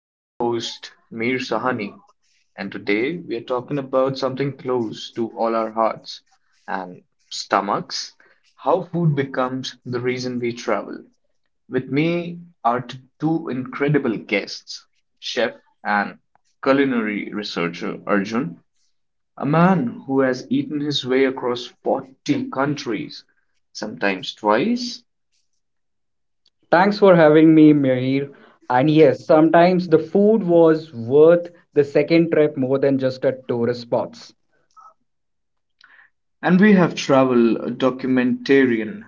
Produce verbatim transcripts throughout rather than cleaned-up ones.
I'm your host, Mir Sahani, and today we are talking about something close to all our hearts and stomachs how food becomes the reason we travel. With me are t- two incredible guests, chef and culinary researcher Arjun a man who has eaten his way across forty countries, sometimes twice. Thanks for having me, Mihir. And yes, sometimes the food was worth the second trip more than just a tourist spots. And we have travel documentarian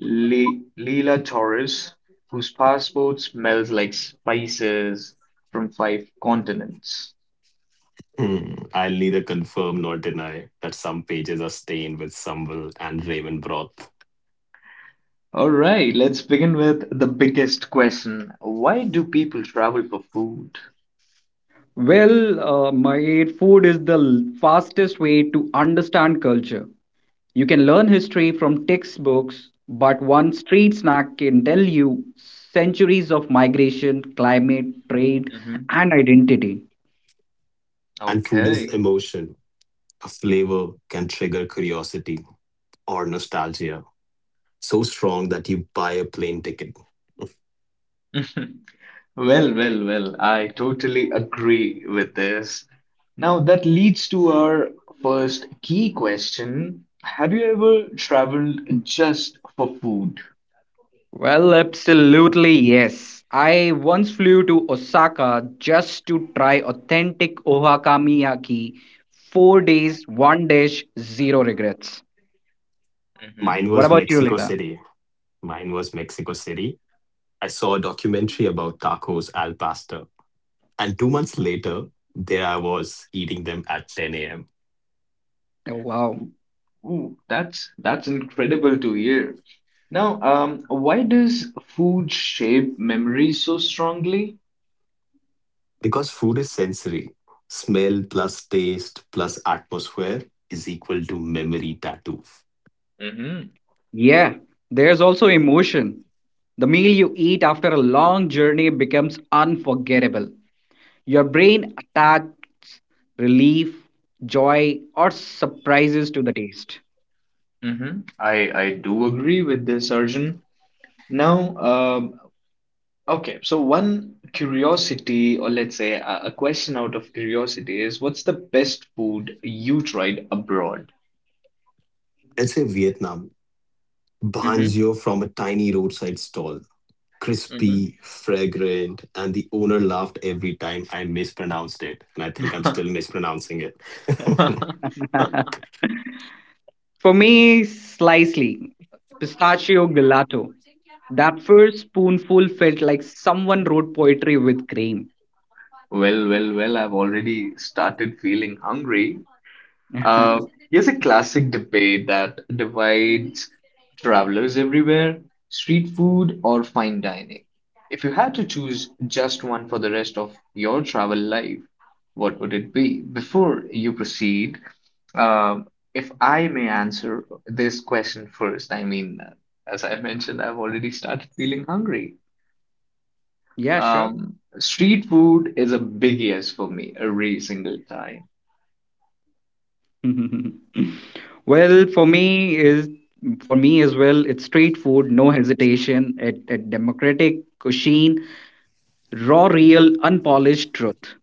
Le- Leila Torres, whose passport smells like spices from five continents. Hmm, I'll neither confirm nor deny that some pages are stained with sambal and ramen broth. All right, let's begin with the biggest question. Why do people travel for food? Well, uh, Mihir, food is the l- fastest way to understand culture. You can learn history from textbooks, but one street snack can tell you centuries of migration, climate, trade, hmm and identity. And food is Okay. emotion. A flavor can trigger curiosity or nostalgia so strong that you buy a plane ticket. Well, well, well, I totally agree with this. Now, that leads to our first key question. Have you ever traveled just for food? Well, absolutely yes. I once flew to Osaka just to try authentic ohakamiyaki. Four days, one dish, zero regrets. Mhm. Mine What was about you, Mexico Leela? City. Mine was Mexico City. I saw a documentary about tacos al pastor. And two months later, there I was eating them at ten a m. Oh, wow. Ooh, that's that's incredible to hear. Now, um, why does food shape memory so strongly? Because food is sensory, smell plus taste plus atmosphere is equal to memory tattoo. Mm-hmm. Yeah, there's also emotion. The meal you eat after a long journey becomes unforgettable. Your brain attacks relief, joy, or surprises to the taste. Mm-hmm. I I do agree with this, Arjun. Now, um okay, so one curiosity, or let's say a, a question out of curiosity, is what's the best food you tried abroad? Let's say Vietnam, Mm-hmm. banjo from a tiny roadside stall, crispy, fragrant, and the owner laughed every time I mispronounced it. And I think I'm still mispronouncing it. Mm-hmm. For me, slightly pistachio gelato. That first spoonful felt like someone wrote poetry with cream. Well, well, well, I've already started feeling hungry. Uh, Here's a classic debate that divides travelers everywhere, street food or fine dining. If you had to choose just one for the rest of your travel life, what would it be? Before you proceed, um, if I may answer this question first, I mean, as I mentioned, I've already started feeling hungry. Yeah, sure. Um, street food is a big yes for me every single time. Well, for me is for me as well. It's straight food, no hesitation. It, it democratic cuisine, raw, real, unpolished truth.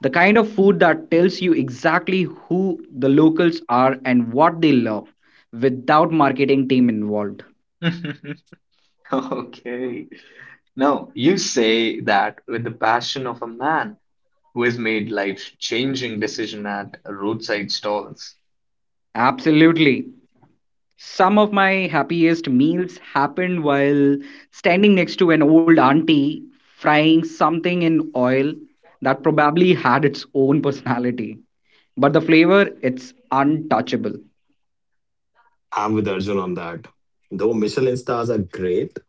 The kind of food that tells you exactly who the locals are and what they love, without marketing team involved. Okay. No, you say that with the passion of a man who has made life-changing decision at roadside stalls. Absolutely. Some of my happiest meals happened while standing next to an old auntie frying something in oil that probably had its own personality. But the flavor, it's untouchable. I'm with Arjun on that. Though Michelin stars are great,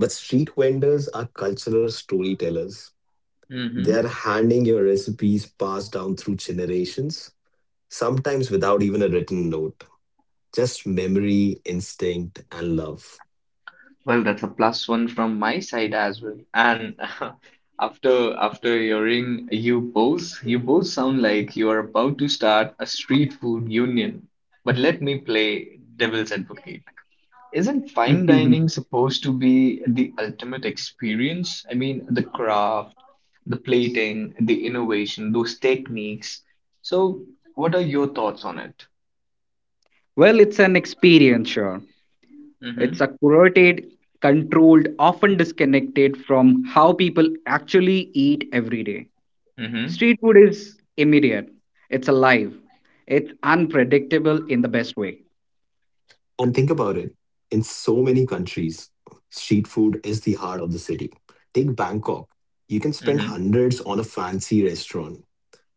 but street vendors are cultural storytellers. They hmm are handing your recipes passed down through generations sometimes without even a written note, just memory, instinct, and love. Well, that's a plus one from my side as well. And after after hearing you both, you both sound like you are about to start a street food union. But let me play devil's advocate. Isn't fine Well, dining supposed to be the ultimate experience? I mean, the craft, the plating, the innovation, those techniques. So, what are your thoughts on it? it's an experience, sure. Mm-hmm. It's a curated, controlled, often disconnected from how people actually eat every day. Street food is immediate, it's alive, it's unpredictable in the best way. And think about it, in so many countries, street food is the heart of the city. Take Bangkok. You can spend Mm-hmm. hundreds on a fancy restaurant,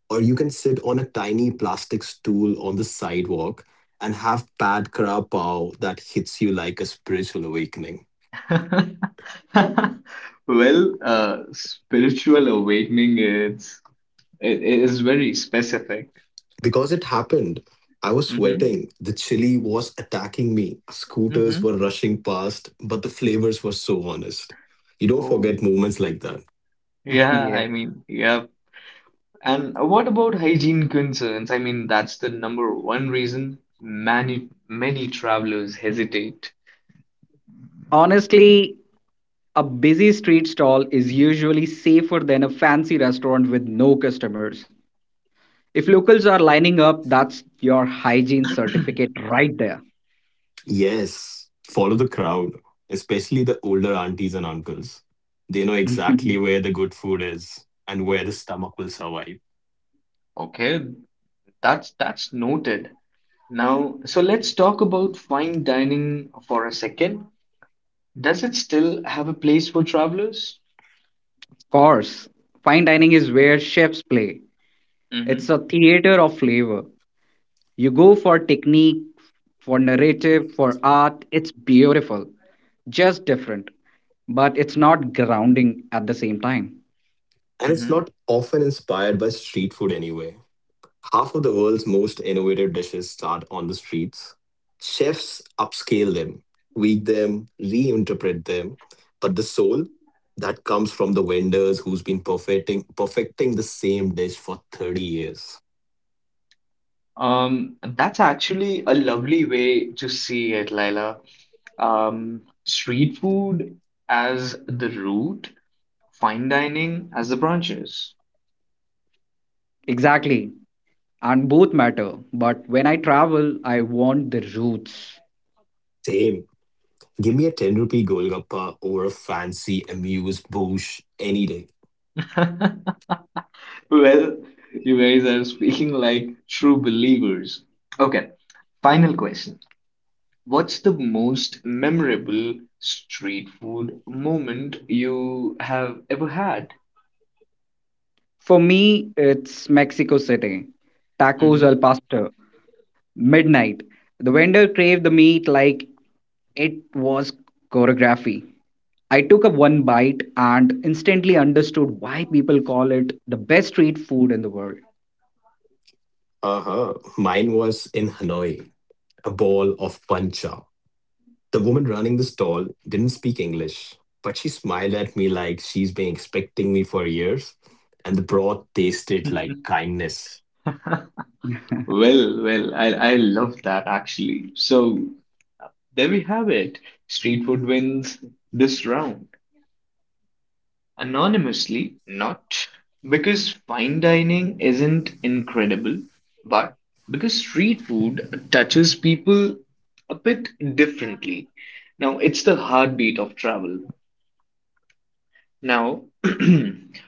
or you can sit on a tiny plastic stool on the sidewalk and have pad kra pao that hits you like a spiritual awakening. Mm-hmm. Well, uh, spiritual awakening is it, it is very specific. Because it happened, I was Mm-hmm. sweating. The chili was attacking me. Scooters Mm-hmm. were rushing past, but the flavors were so honest. You don't forget Oh, moments like that. yeah. Yeah, I mean, yeah. And what about hygiene concerns? I mean, that's the number one reason many many travelers hesitate. honestly, a busy street stall is usually safer than a fancy restaurant with no customers. If locals are lining up, that's your hygiene certificate right there. Yes, follow the crowd, especially the older aunties and uncles. They know Of exactly where the good food is and where the stomach will survive. Okay, that's that's noted. Now, so let's talk about fine dining for a second. Does it still have a place for travelers? course, fine dining is where chefs play. It's Mm-hmm. a theater of flavor. You go for technique, for narrative, for art. It's beautiful, just different. But it's not grounding at the same time. And it's Mm-hmm. not often inspired by street food anyway. Half of the world's most innovative dishes start on the streets. Chefs upscale them, tweak them, reinterpret them, but the soul that comes from the vendors who's been perfecting perfecting the same dish for thirty years. Um, that's actually a lovely way to see it, Laila. Um, street food as the root, fine dining as the branches. Exactly. And both matter. But when I travel, I want the roots. Same. Give me a ten rupee Golgappa over a fancy amuse bouche any day. Well, you guys are speaking like true believers. Okay, final question. What's the most memorable street food moment you have ever had? For me, it's Mexico City. Tacos al Mhm. pastor, midnight. The vendor craved the meat like it was choreography. I took a one bite and instantly understood why people call it the best street food in the world. Uh-huh. Mine was in Hanoi, a ball of pancha. The woman running the stall didn't speak English, but she smiled at me like she's been expecting me for years, and the broth tasted like kindness. Well, well, I I love that actually. So there we have it. Street food wins this round. Anonymously, not because fine dining isn't incredible, but because street food touches people a bit differently. Now, it's the heartbeat of travel. Now, we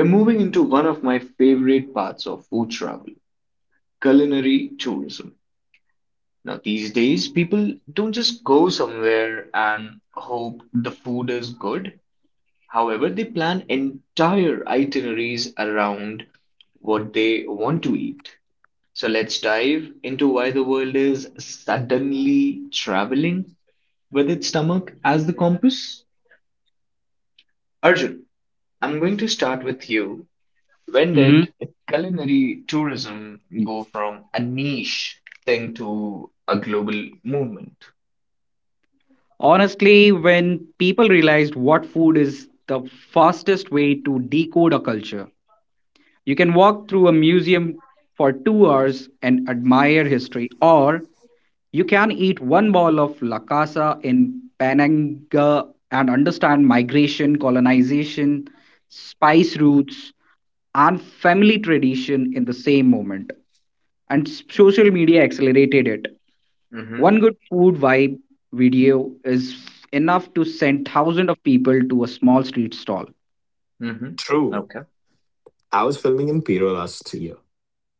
are moving into one of my favorite parts of food travel culinary tourism. Now, these days, people don't just go somewhere and hope the food is good. However, they plan entire itineraries around what they want to eat. So let's dive into why the world is suddenly traveling with its stomach as the compass. Arjun, I'm going to start with you. When hmm did culinary tourism go from a niche thing to a global movement? Honestly, when people realized what food is the fastest way to decode a culture, you can walk through a museum for two hours and admire history, or you can eat one bowl of La Casa in Pananga and understand migration, colonization, spice roots, and family tradition in the same moment. And s- social media accelerated it. Mm-hmm. One good food vibe video is f- enough to send thousands of people to a small street stall. Mm-hmm. True. Okay. I was filming in Piro last year,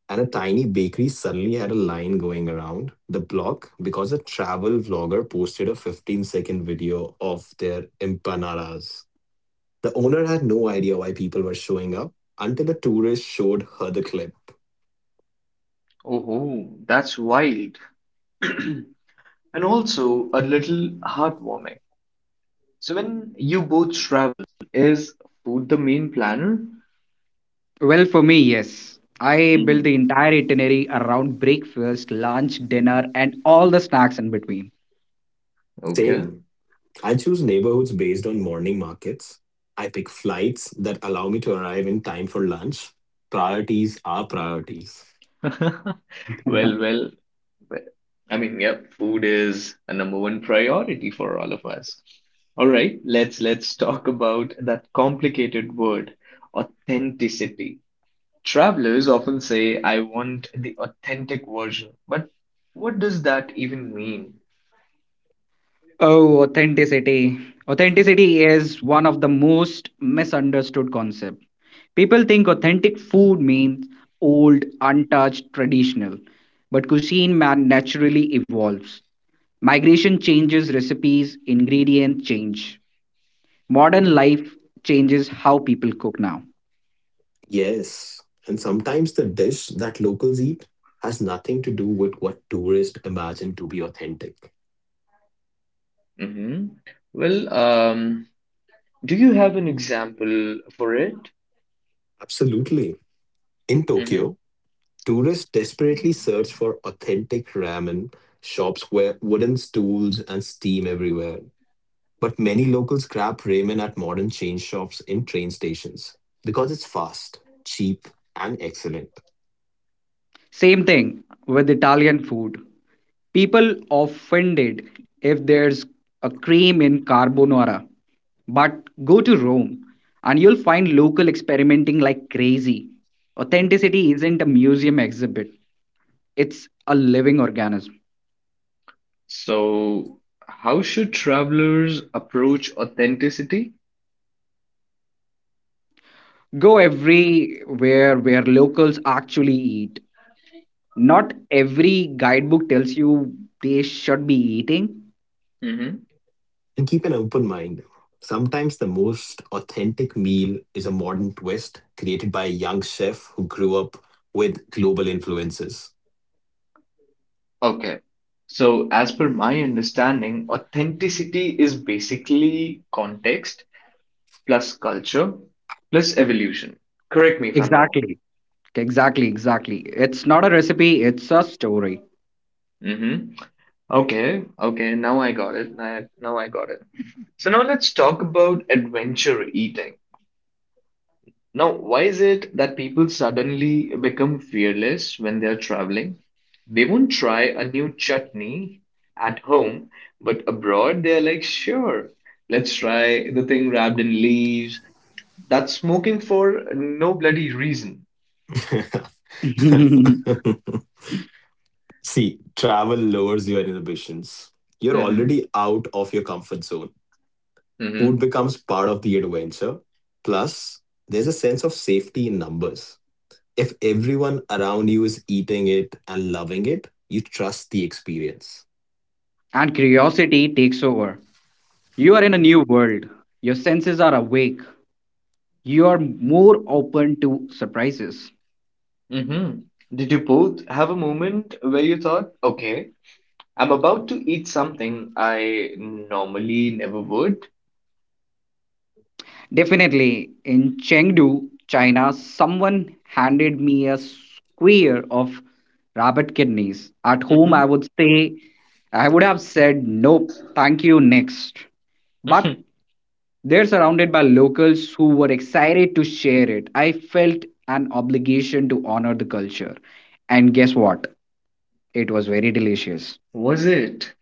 and a tiny bakery suddenly had a line going around the block because a travel vlogger posted a fifteen second video of their empanadas. The owner had no idea why people were showing up until a tourist showed her the clip. Oh, that's wild. And also a little heartwarming. So when you both travel, is food the main planner? Well, for me, yes. I built the hmm entire itinerary around breakfast, lunch, dinner, and all the snacks in between. Okay. Same. I choose neighborhoods based on morning markets. I pick flights that allow me to arrive in time for lunch. Priorities are priorities. Well, well, well, I mean, yeah, food is a number one priority for all of us. All right, let's let's talk about that complicated word, authenticity. Travelers often say, I want the authentic version, but what does that even mean? Oh, authenticity. Authenticity is one of the most misunderstood concepts. People think authentic food means old, untouched, traditional. But cuisine man naturally evolves. Migration changes recipes, ingredients change. Modern life changes how people cook now. Yes, and sometimes the dish that locals eat has nothing to do with what tourists imagine to be authentic. hmm Well, um, do you have an example for it? Absolutely. In Tokyo, tourists desperately search for authentic ramen shops where wooden stools and steam everywhere. But many locals grab ramen at modern chain shops in train stations because it's fast, cheap, and excellent. Same thing with Italian food. People offended if there's a cream in carbonara. But go to Rome and you'll find local experimenting like crazy. Authenticity isn't a museum exhibit, it's a living organism. So, how should travelers approach authenticity? Go everywhere where locals actually eat. Not every guidebook tells you they should be eating. hmm And keep an open mind. Sometimes the most authentic meal is a modern twist created by a young chef who grew up with global influences. Okay. So, as per my understanding, authenticity is basically context plus culture plus evolution. Correct me if I'm wrong. Exactly. Exactly, exactly. It's not a recipe, it's a story. hmm Okay, okay, now I got it. Now now I got it. So now let's talk about adventure eating. Now, why is it that people suddenly become fearless when they're traveling? They won't try a new chutney at home, but abroad they're like, sure, let's try the thing wrapped in leaves. That's smoking for no bloody reason. And See, travel lowers your inhibitions. You're hmm already out of your comfort zone. Food hmm becomes part of the adventure. Plus, there's a sense of safety in numbers. If everyone around you is eating it and loving it, you trust the experience. curiosity takes over. You are in a new world. Your senses are awake. You are more open to surprises. hmm Did you both have a moment where you thought, okay, I'm about to eat something I normally never would? Definitely, in Chengdu, China, someone handed me a square of rabbit kidneys. At home, I hmm would say, I would have said, nope, thank you, next. But they're surrounded by locals who were excited to share it. I felt an obligation to honor the culture. And guess what? It was very delicious. Was it?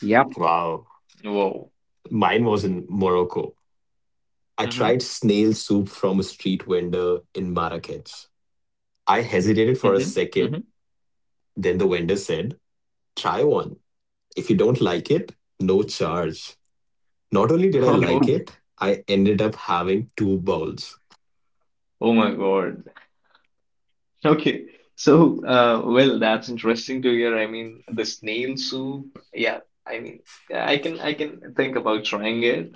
Yep. Wow. Whoa. Mine was in Morocco. I tried snail soup from a street vendor in Marrakech. I Mm-hmm. hesitated Mm-hmm. for a second. Then the vendor said, try one. If you don't like it, no charge. Not Oh, only did I okay. like it, I ended up having two bowls. Oh my God. Okay. So, uh, well, that's interesting to hear. I mean, the snail soup. Yeah. I mean, I can I can think about trying it.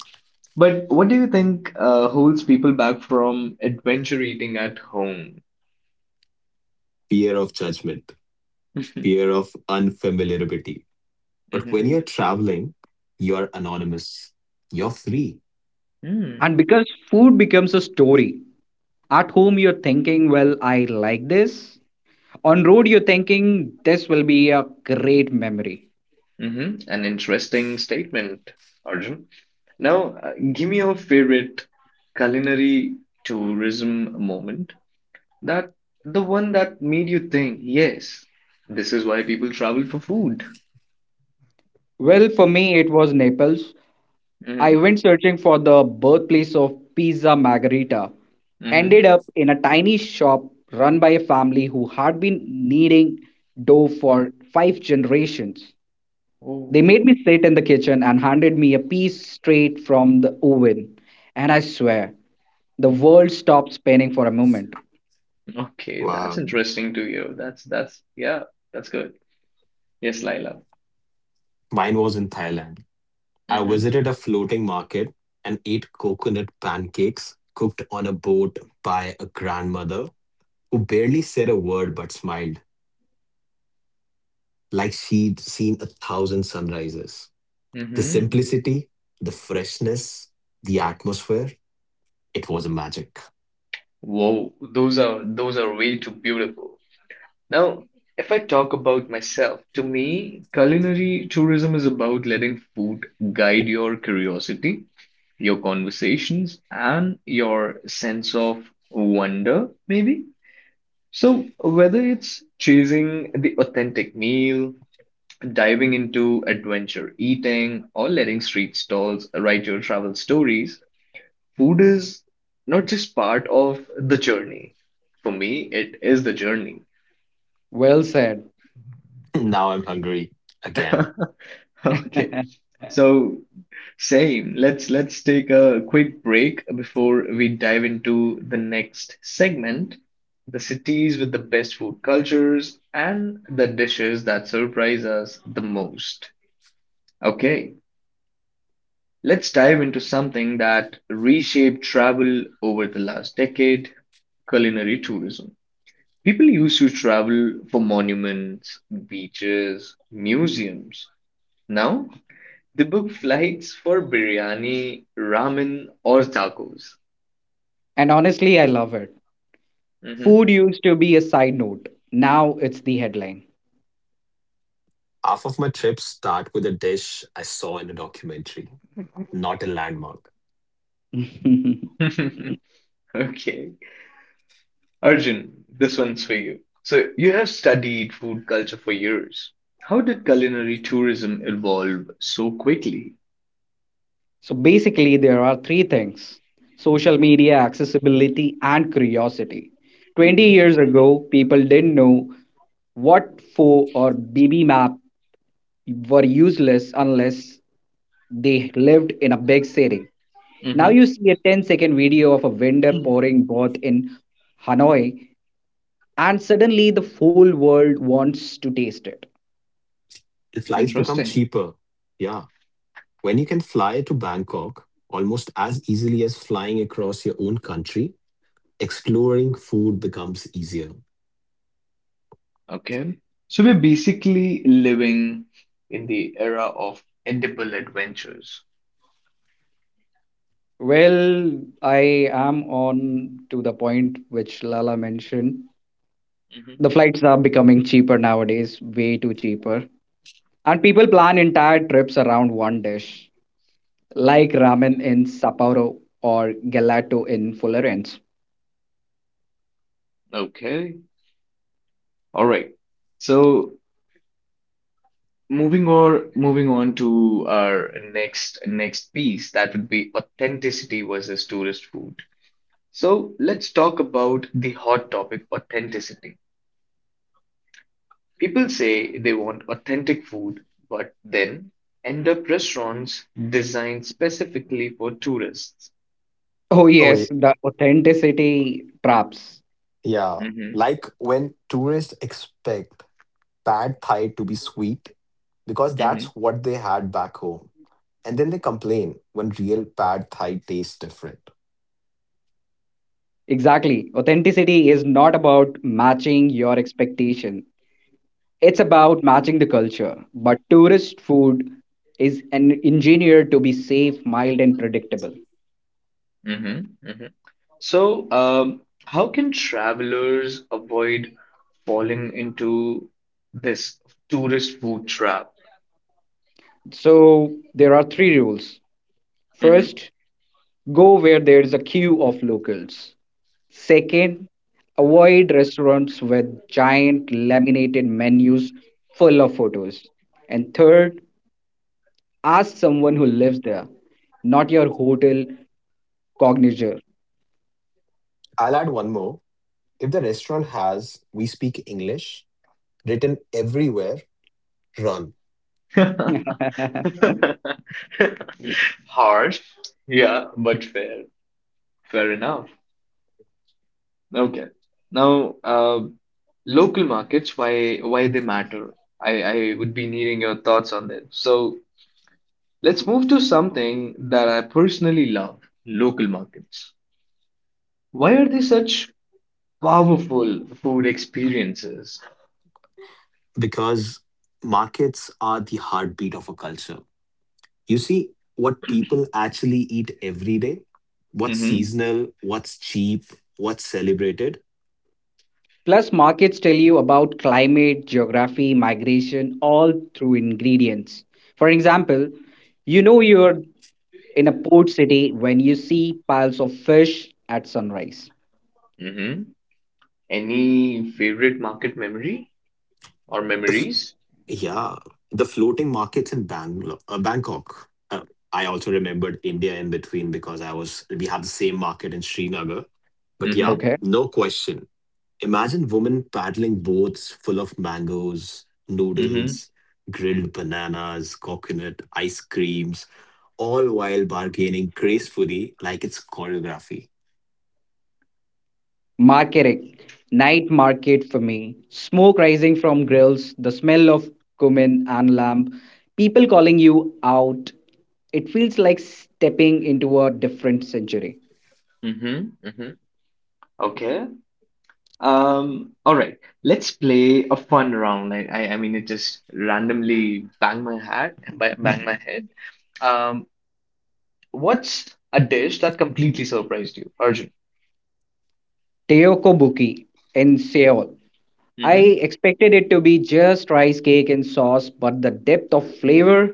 But what do you think uh, holds people back from adventure eating at home? Fear of judgment, fear of unfamiliarity. But Mm-hmm. when you're traveling, you're anonymous, you're free. And because food becomes a story, at home, you're thinking, well, I like this. On road, you're thinking, this will be a great memory. Mm-hmm. An interesting statement, Arjun. Now, uh, give me your favorite culinary tourism moment. That the one that made you think, yes, this is why people travel for food. Well, for me, it was Naples. I hmm went searching for the birthplace of Pizza Margherita. hmm Ended up in a tiny shop run by a family who had been kneading dough for five generations. They Oh, made me sit in the kitchen and handed me a piece straight from the oven. And I swear, the world stopped spinning for a moment. okay, that's Wow. interesting to hear. That's that's yeah, that's good. Yes, Laila. Mine was in Thailand. I hmm visited a floating market and ate coconut pancakes cooked on a boat by a grandmother who barely said a word but smiled like she'd seen a thousand sunrises. The hmm simplicity, the freshness, the atmosphere, it was a magic. Whoa, those are those are way too beautiful. Now, if I talk about myself, to me, culinary tourism is about letting food guide your curiosity your conversations and your sense of wonder, maybe. So, whether it's choosing the authentic meal, diving into adventure eating, or letting street stalls write your travel stories, food is not just part of the journey. For me, it is the journey. Well said. Now I'm hungry again. Okay. So, same. Let's let's take a quick break before we dive into the next segment, the cities with the best food cultures and the dishes that surprise us the most. Okay, let's dive into something that reshaped travel over the last decade, culinary tourism. People used to travel for monuments, beaches, museums. Now they book flights for biryani, ramen, or tacos. And honestly, I love it. Mhm. Food used to be a side note, now it's the headline. Half of my trips start with a dish I saw in a documentary, not a landmark. Okay. Arjun, this one's for you. So, you have studied food culture for years. How did culinary tourism evolve so quickly? So basically, there are three things: social media, accessibility, and curiosity. twenty Mhm. years ago, people didn't know what F O or B B map were useless unless they lived in a big city. Now Mhm. you see a ten-second video of a vendor pouring broth in Hanoi, and suddenly the whole world wants to taste it. The flights become Interesting. cheaper. Yeah, when you can fly to Bangkok almost as easily as flying across your own country, exploring food becomes easier. Okay. So, we're basically living in the era of edible adventures. Well, I am on to the point which Lala mentioned. Mhm. The flights are becoming cheaper nowadays, way too cheaper. And people plan entire trips around one dish, like ramen in Sapporo or gelato in Florence. Okay. All right. So, moving or moving on to our next next piece, that would be authenticity versus tourist food. So let's talk about the hot topic, authenticity. People say they want authentic food, but then end up restaurants designed specifically for tourists. Oh, Oh, yes, ye- the authenticity traps. yeah. Mm-hmm, Like when tourists expect pad thai to be sweet because mm-hmm, that's what they had back home. And then they complain when real pad thai tastes different. Exactly. Authenticity is not about matching your expectation. It's about matching the culture, but tourist food is an engineered to be safe, mild, and predictable. mm-hmm, mm-hmm. So, um, how can travelers avoid falling into this tourist food trap? So there are three rules. Mm-hmm. First, go where there is a queue of locals. Second, avoid restaurants with giant laminated menus full of photos. And third, ask someone who lives there, not your hotel cognizer. I'll add one more. If the restaurant has we speak English written everywhere, run Harsh. Yeah, but fair. Fair enough. Okay. Now, uh, local markets, why why they matter? I, I would be needing your thoughts on that. So let's move to something that I personally love, local markets. Why are they such powerful food experiences? because markets are the heartbeat of a culture. You see what people actually eat every day, what's Mm-hmm. seasonal, what's cheap, what's celebrated. Plus, markets tell you about climate, geography, migration, all through ingredients. For example, you know you're in a port city when you see piles of fish at sunrise. Mm-hmm. Any favorite market memory or The f- memories? yeah, the floating markets in Bangalore, uh, Bangkok. Uh, I also remembered India in between because I was we had the same market in Srinagar. But yeah, Mm-hmm. Okay. no question. Imagine women paddling boats full of mangoes, Mm-hmm. noodles, grilled bananas, coconut, ice creams, all while bargaining gracefully like it's choreography. Marketing, night market for me, smoke rising from grills, the smell of cumin and lamp, people calling you out. It feels like stepping into a different century. Mm-hmm. Mm-hmm. Okay. Um, all right. Let's play a fun round. Like I, I mean, it just randomly bang my hat, ba- bang my head. Um, what's a dish that completely surprised you, Arjun? Teokobuki in Seoul. I Mm-hmm. expected it to be just rice cake and sauce, but the depth of flavor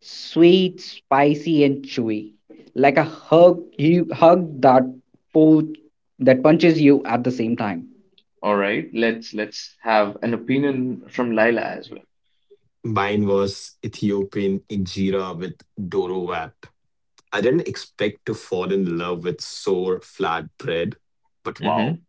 sweet, spicy, and chewy like a hug, you, hug that, po- that punches you at the same time. All right. Let's let's have an opinion from Laila as well. Mine was Ethiopian injera with doro wrap. I didn't expect to fall in love with sour flat bread, but wow, Mm-hmm.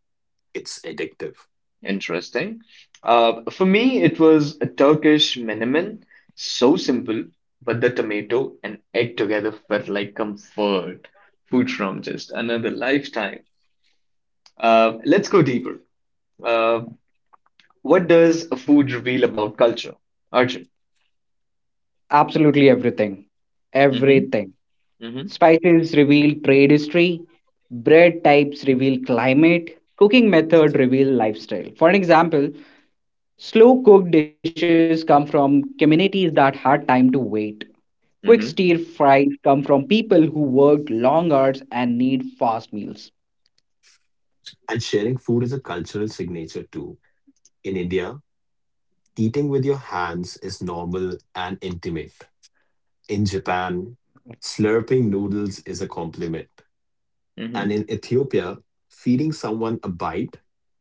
it's addictive. Interesting. Uh, for me, it was a Turkish menemen. So simple, but the tomato and egg together felt like comfort food from just another lifetime. Uh, let's go deeper. Uh, what does a food reveal about culture? Arjun. Absolutely everything. Everything. Mm-hmm. Mm-hmm. Spices reveal trade history, bread types reveal climate, cooking method reveal lifestyle. For an example, slow cooked dishes come from communities that had time to wait. Quick stir Mm-hmm. fries come from people who worked long hours and need fast meals, And sharing food is a cultural signature too. In India, eating with your hands is normal and intimate. In Japan, slurping noodles is a compliment. And Mm-hmm. in Ethiopia, feeding someone a bite,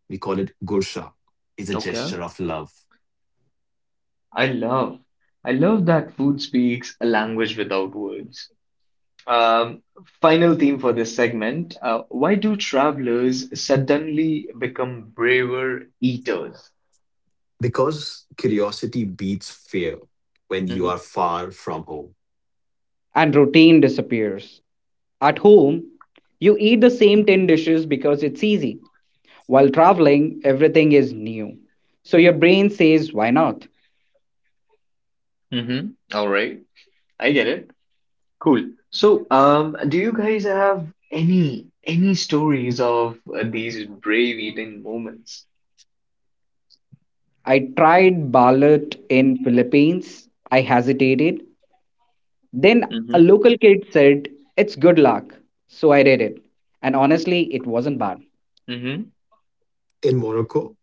we call it gursha, is a Okay. gesture of love. I love, I love that food speaks a language without words. Um, Final theme for this segment. Uh, why do travelers suddenly become braver eaters? Because curiosity beats fear when you Mm-hmm. are far from home. and routine disappears. At home, you eat the same ten dishes because it's easy. While traveling, everything is new. So your brain says, why not? Mm-hmm. All right. I get it. Cool. So, um, do you guys have any any stories of uh, these brave eating moments? I tried balut in Philippines. I hesitated. Then a Mm-hmm. local kid said, it's good luck. So I did it. And honestly, it wasn't bad. In Morocco,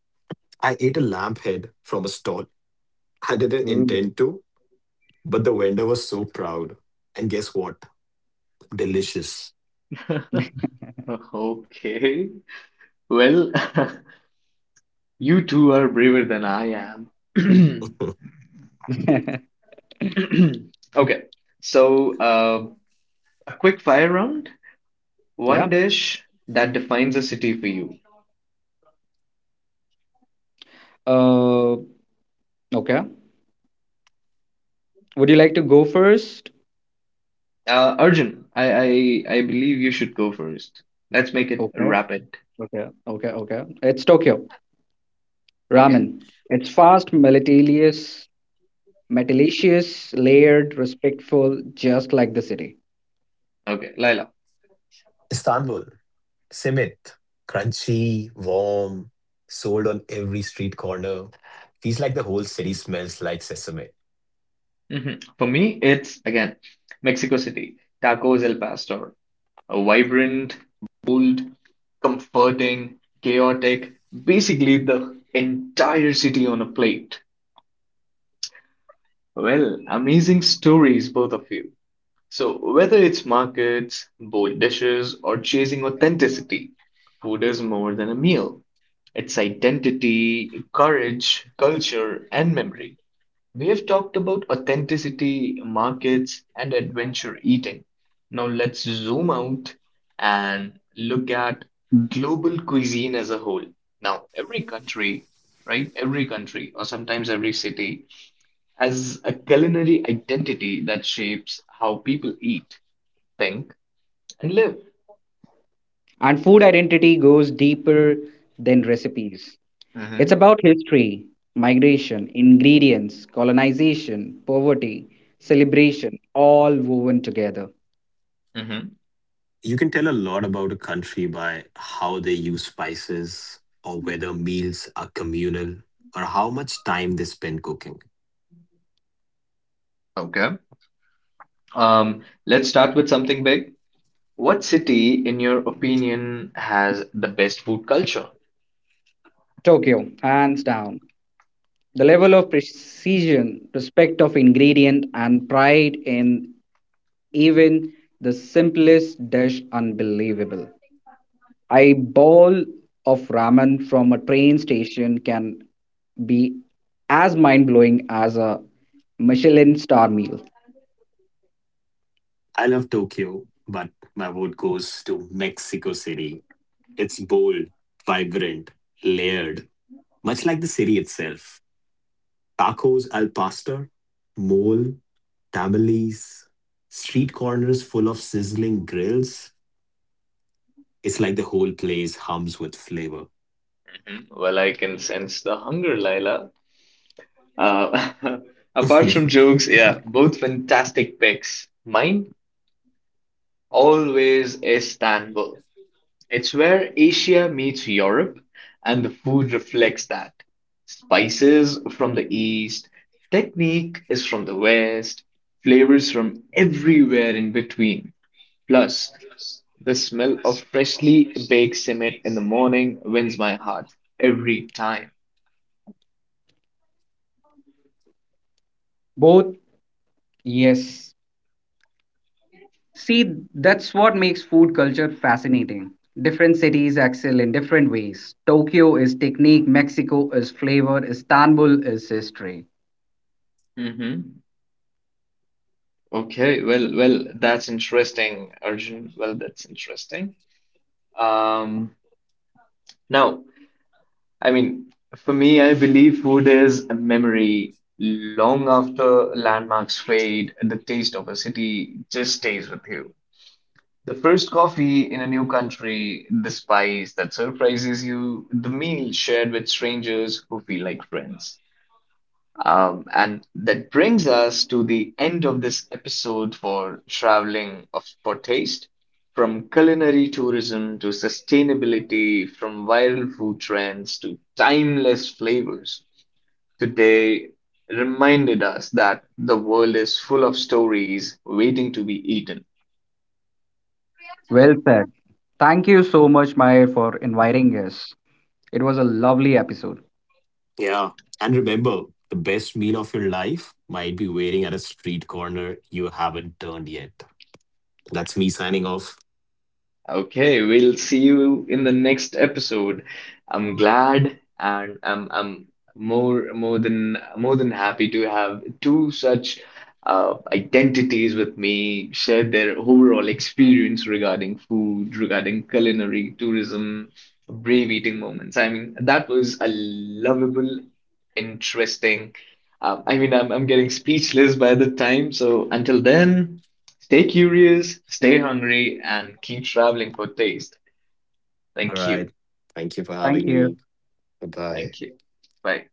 I ate a lamb head from a stall. I didn't Ooh. intend to, but the vendor was so proud. And guess what? Delicious. Mm-hmm. Okay. Well, you two are braver than I am. Okay. So, uh, a quick fire round. Yeah. One dish that defines a city for you. Uh, Okay. Would you like to go first? Uh, Arjun, I, I I believe you should go first. Let's make it Okay. rapid. Okay. Okay. Okay. It's Tokyo Okay. ramen. It's fast, melatelious, metalacious, layered, respectful, just like the city. Okay. Laila. Istanbul, simit, crunchy, warm, sold on every street corner. Feels like the whole city smells like sesame. Mhm. For me, it's again Mexico City, Tacos El Pastor, a vibrant, bold, comforting, chaotic, basically the entire city on a plate. Well, amazing stories, both of you. So, whether it's markets, bold dishes, or chasing authenticity, food is more than a meal. It's identity, courage, culture, and memory. We have talked about authenticity, markets, and adventure eating. Now let's zoom out and look at global cuisine as a whole. Now, every country, right? Every country, or sometimes every city, has a culinary identity that shapes how people eat, think, and live. And food identity goes deeper than recipes. It's Mm-hmm. about history, migration, ingredients, colonization, poverty, celebration, all woven together. Mm-hmm. You can tell a lot about a country by how they use spices, or whether meals are communal, or how much time they spend cooking. Okay. Um, let's start with something big. What city, in your opinion, has the best food culture? Tokyo, hands down. The level of precision, respect of ingredient, and pride in even the simplest dish unbelievable. A bowl of ramen from a train station can be as mind blowing as a Michelin star meal. I love Tokyo, but my vote goes to Mexico City. It's bold, vibrant, layered, much like the city itself. Tacos al pastor, mole, tamales, street corners full of sizzling grills. It's like the whole place hums with flavor. Hmm, well, I can sense the hunger, Laila. Uh, apart from jokes, yeah, both fantastic picks. Mine always Istanbul. It's where Asia meets Europe, and the food reflects that. Spices from the east, technique is from the west, flavors from everywhere in between. Plus, the smell of freshly baked cement in the morning wins my heart every time. Both, yes. See, that's what makes food culture fascinating. Different cities excel in different ways. Tokyo is technique, Mexico is flavor, Istanbul is history. hmm Okay, well, well, that's interesting, Arjun. Well, that's interesting. Um, Now, I mean, for me, I believe food is a memory. Long after landmarks fade, the taste of a city just stays with you. The first coffee in a new country, the spice that surprises you, the meal shared with strangers who feel like friends. Um, and that brings us to the end of this episode for traveling of, for taste, from culinary tourism to sustainability, from viral food trends to timeless flavors. Today reminded us that the world is full of stories waiting to be eaten. Well said. Thank you so much, Mahir, for inviting us. It was a lovely episode. Yeah. And remember, the best meal of your life might be waiting at a street corner you haven't turned yet. That's me signing off. Okay, we'll see you in the next episode. I'm glad and I'm I'm more more than more than happy to have two such uh, identities with me share their overall experience regarding food, regarding culinary, tourism, brave eating moments. I mean, that was a lovable, interesting. Um, I mean, I'm I'm getting speechless by the time. So until then. Stay curious, stay hungry, and keep traveling for taste. All Thank you. right. Thank you for Thank having you. me. Bye bye. Thank you. Bye.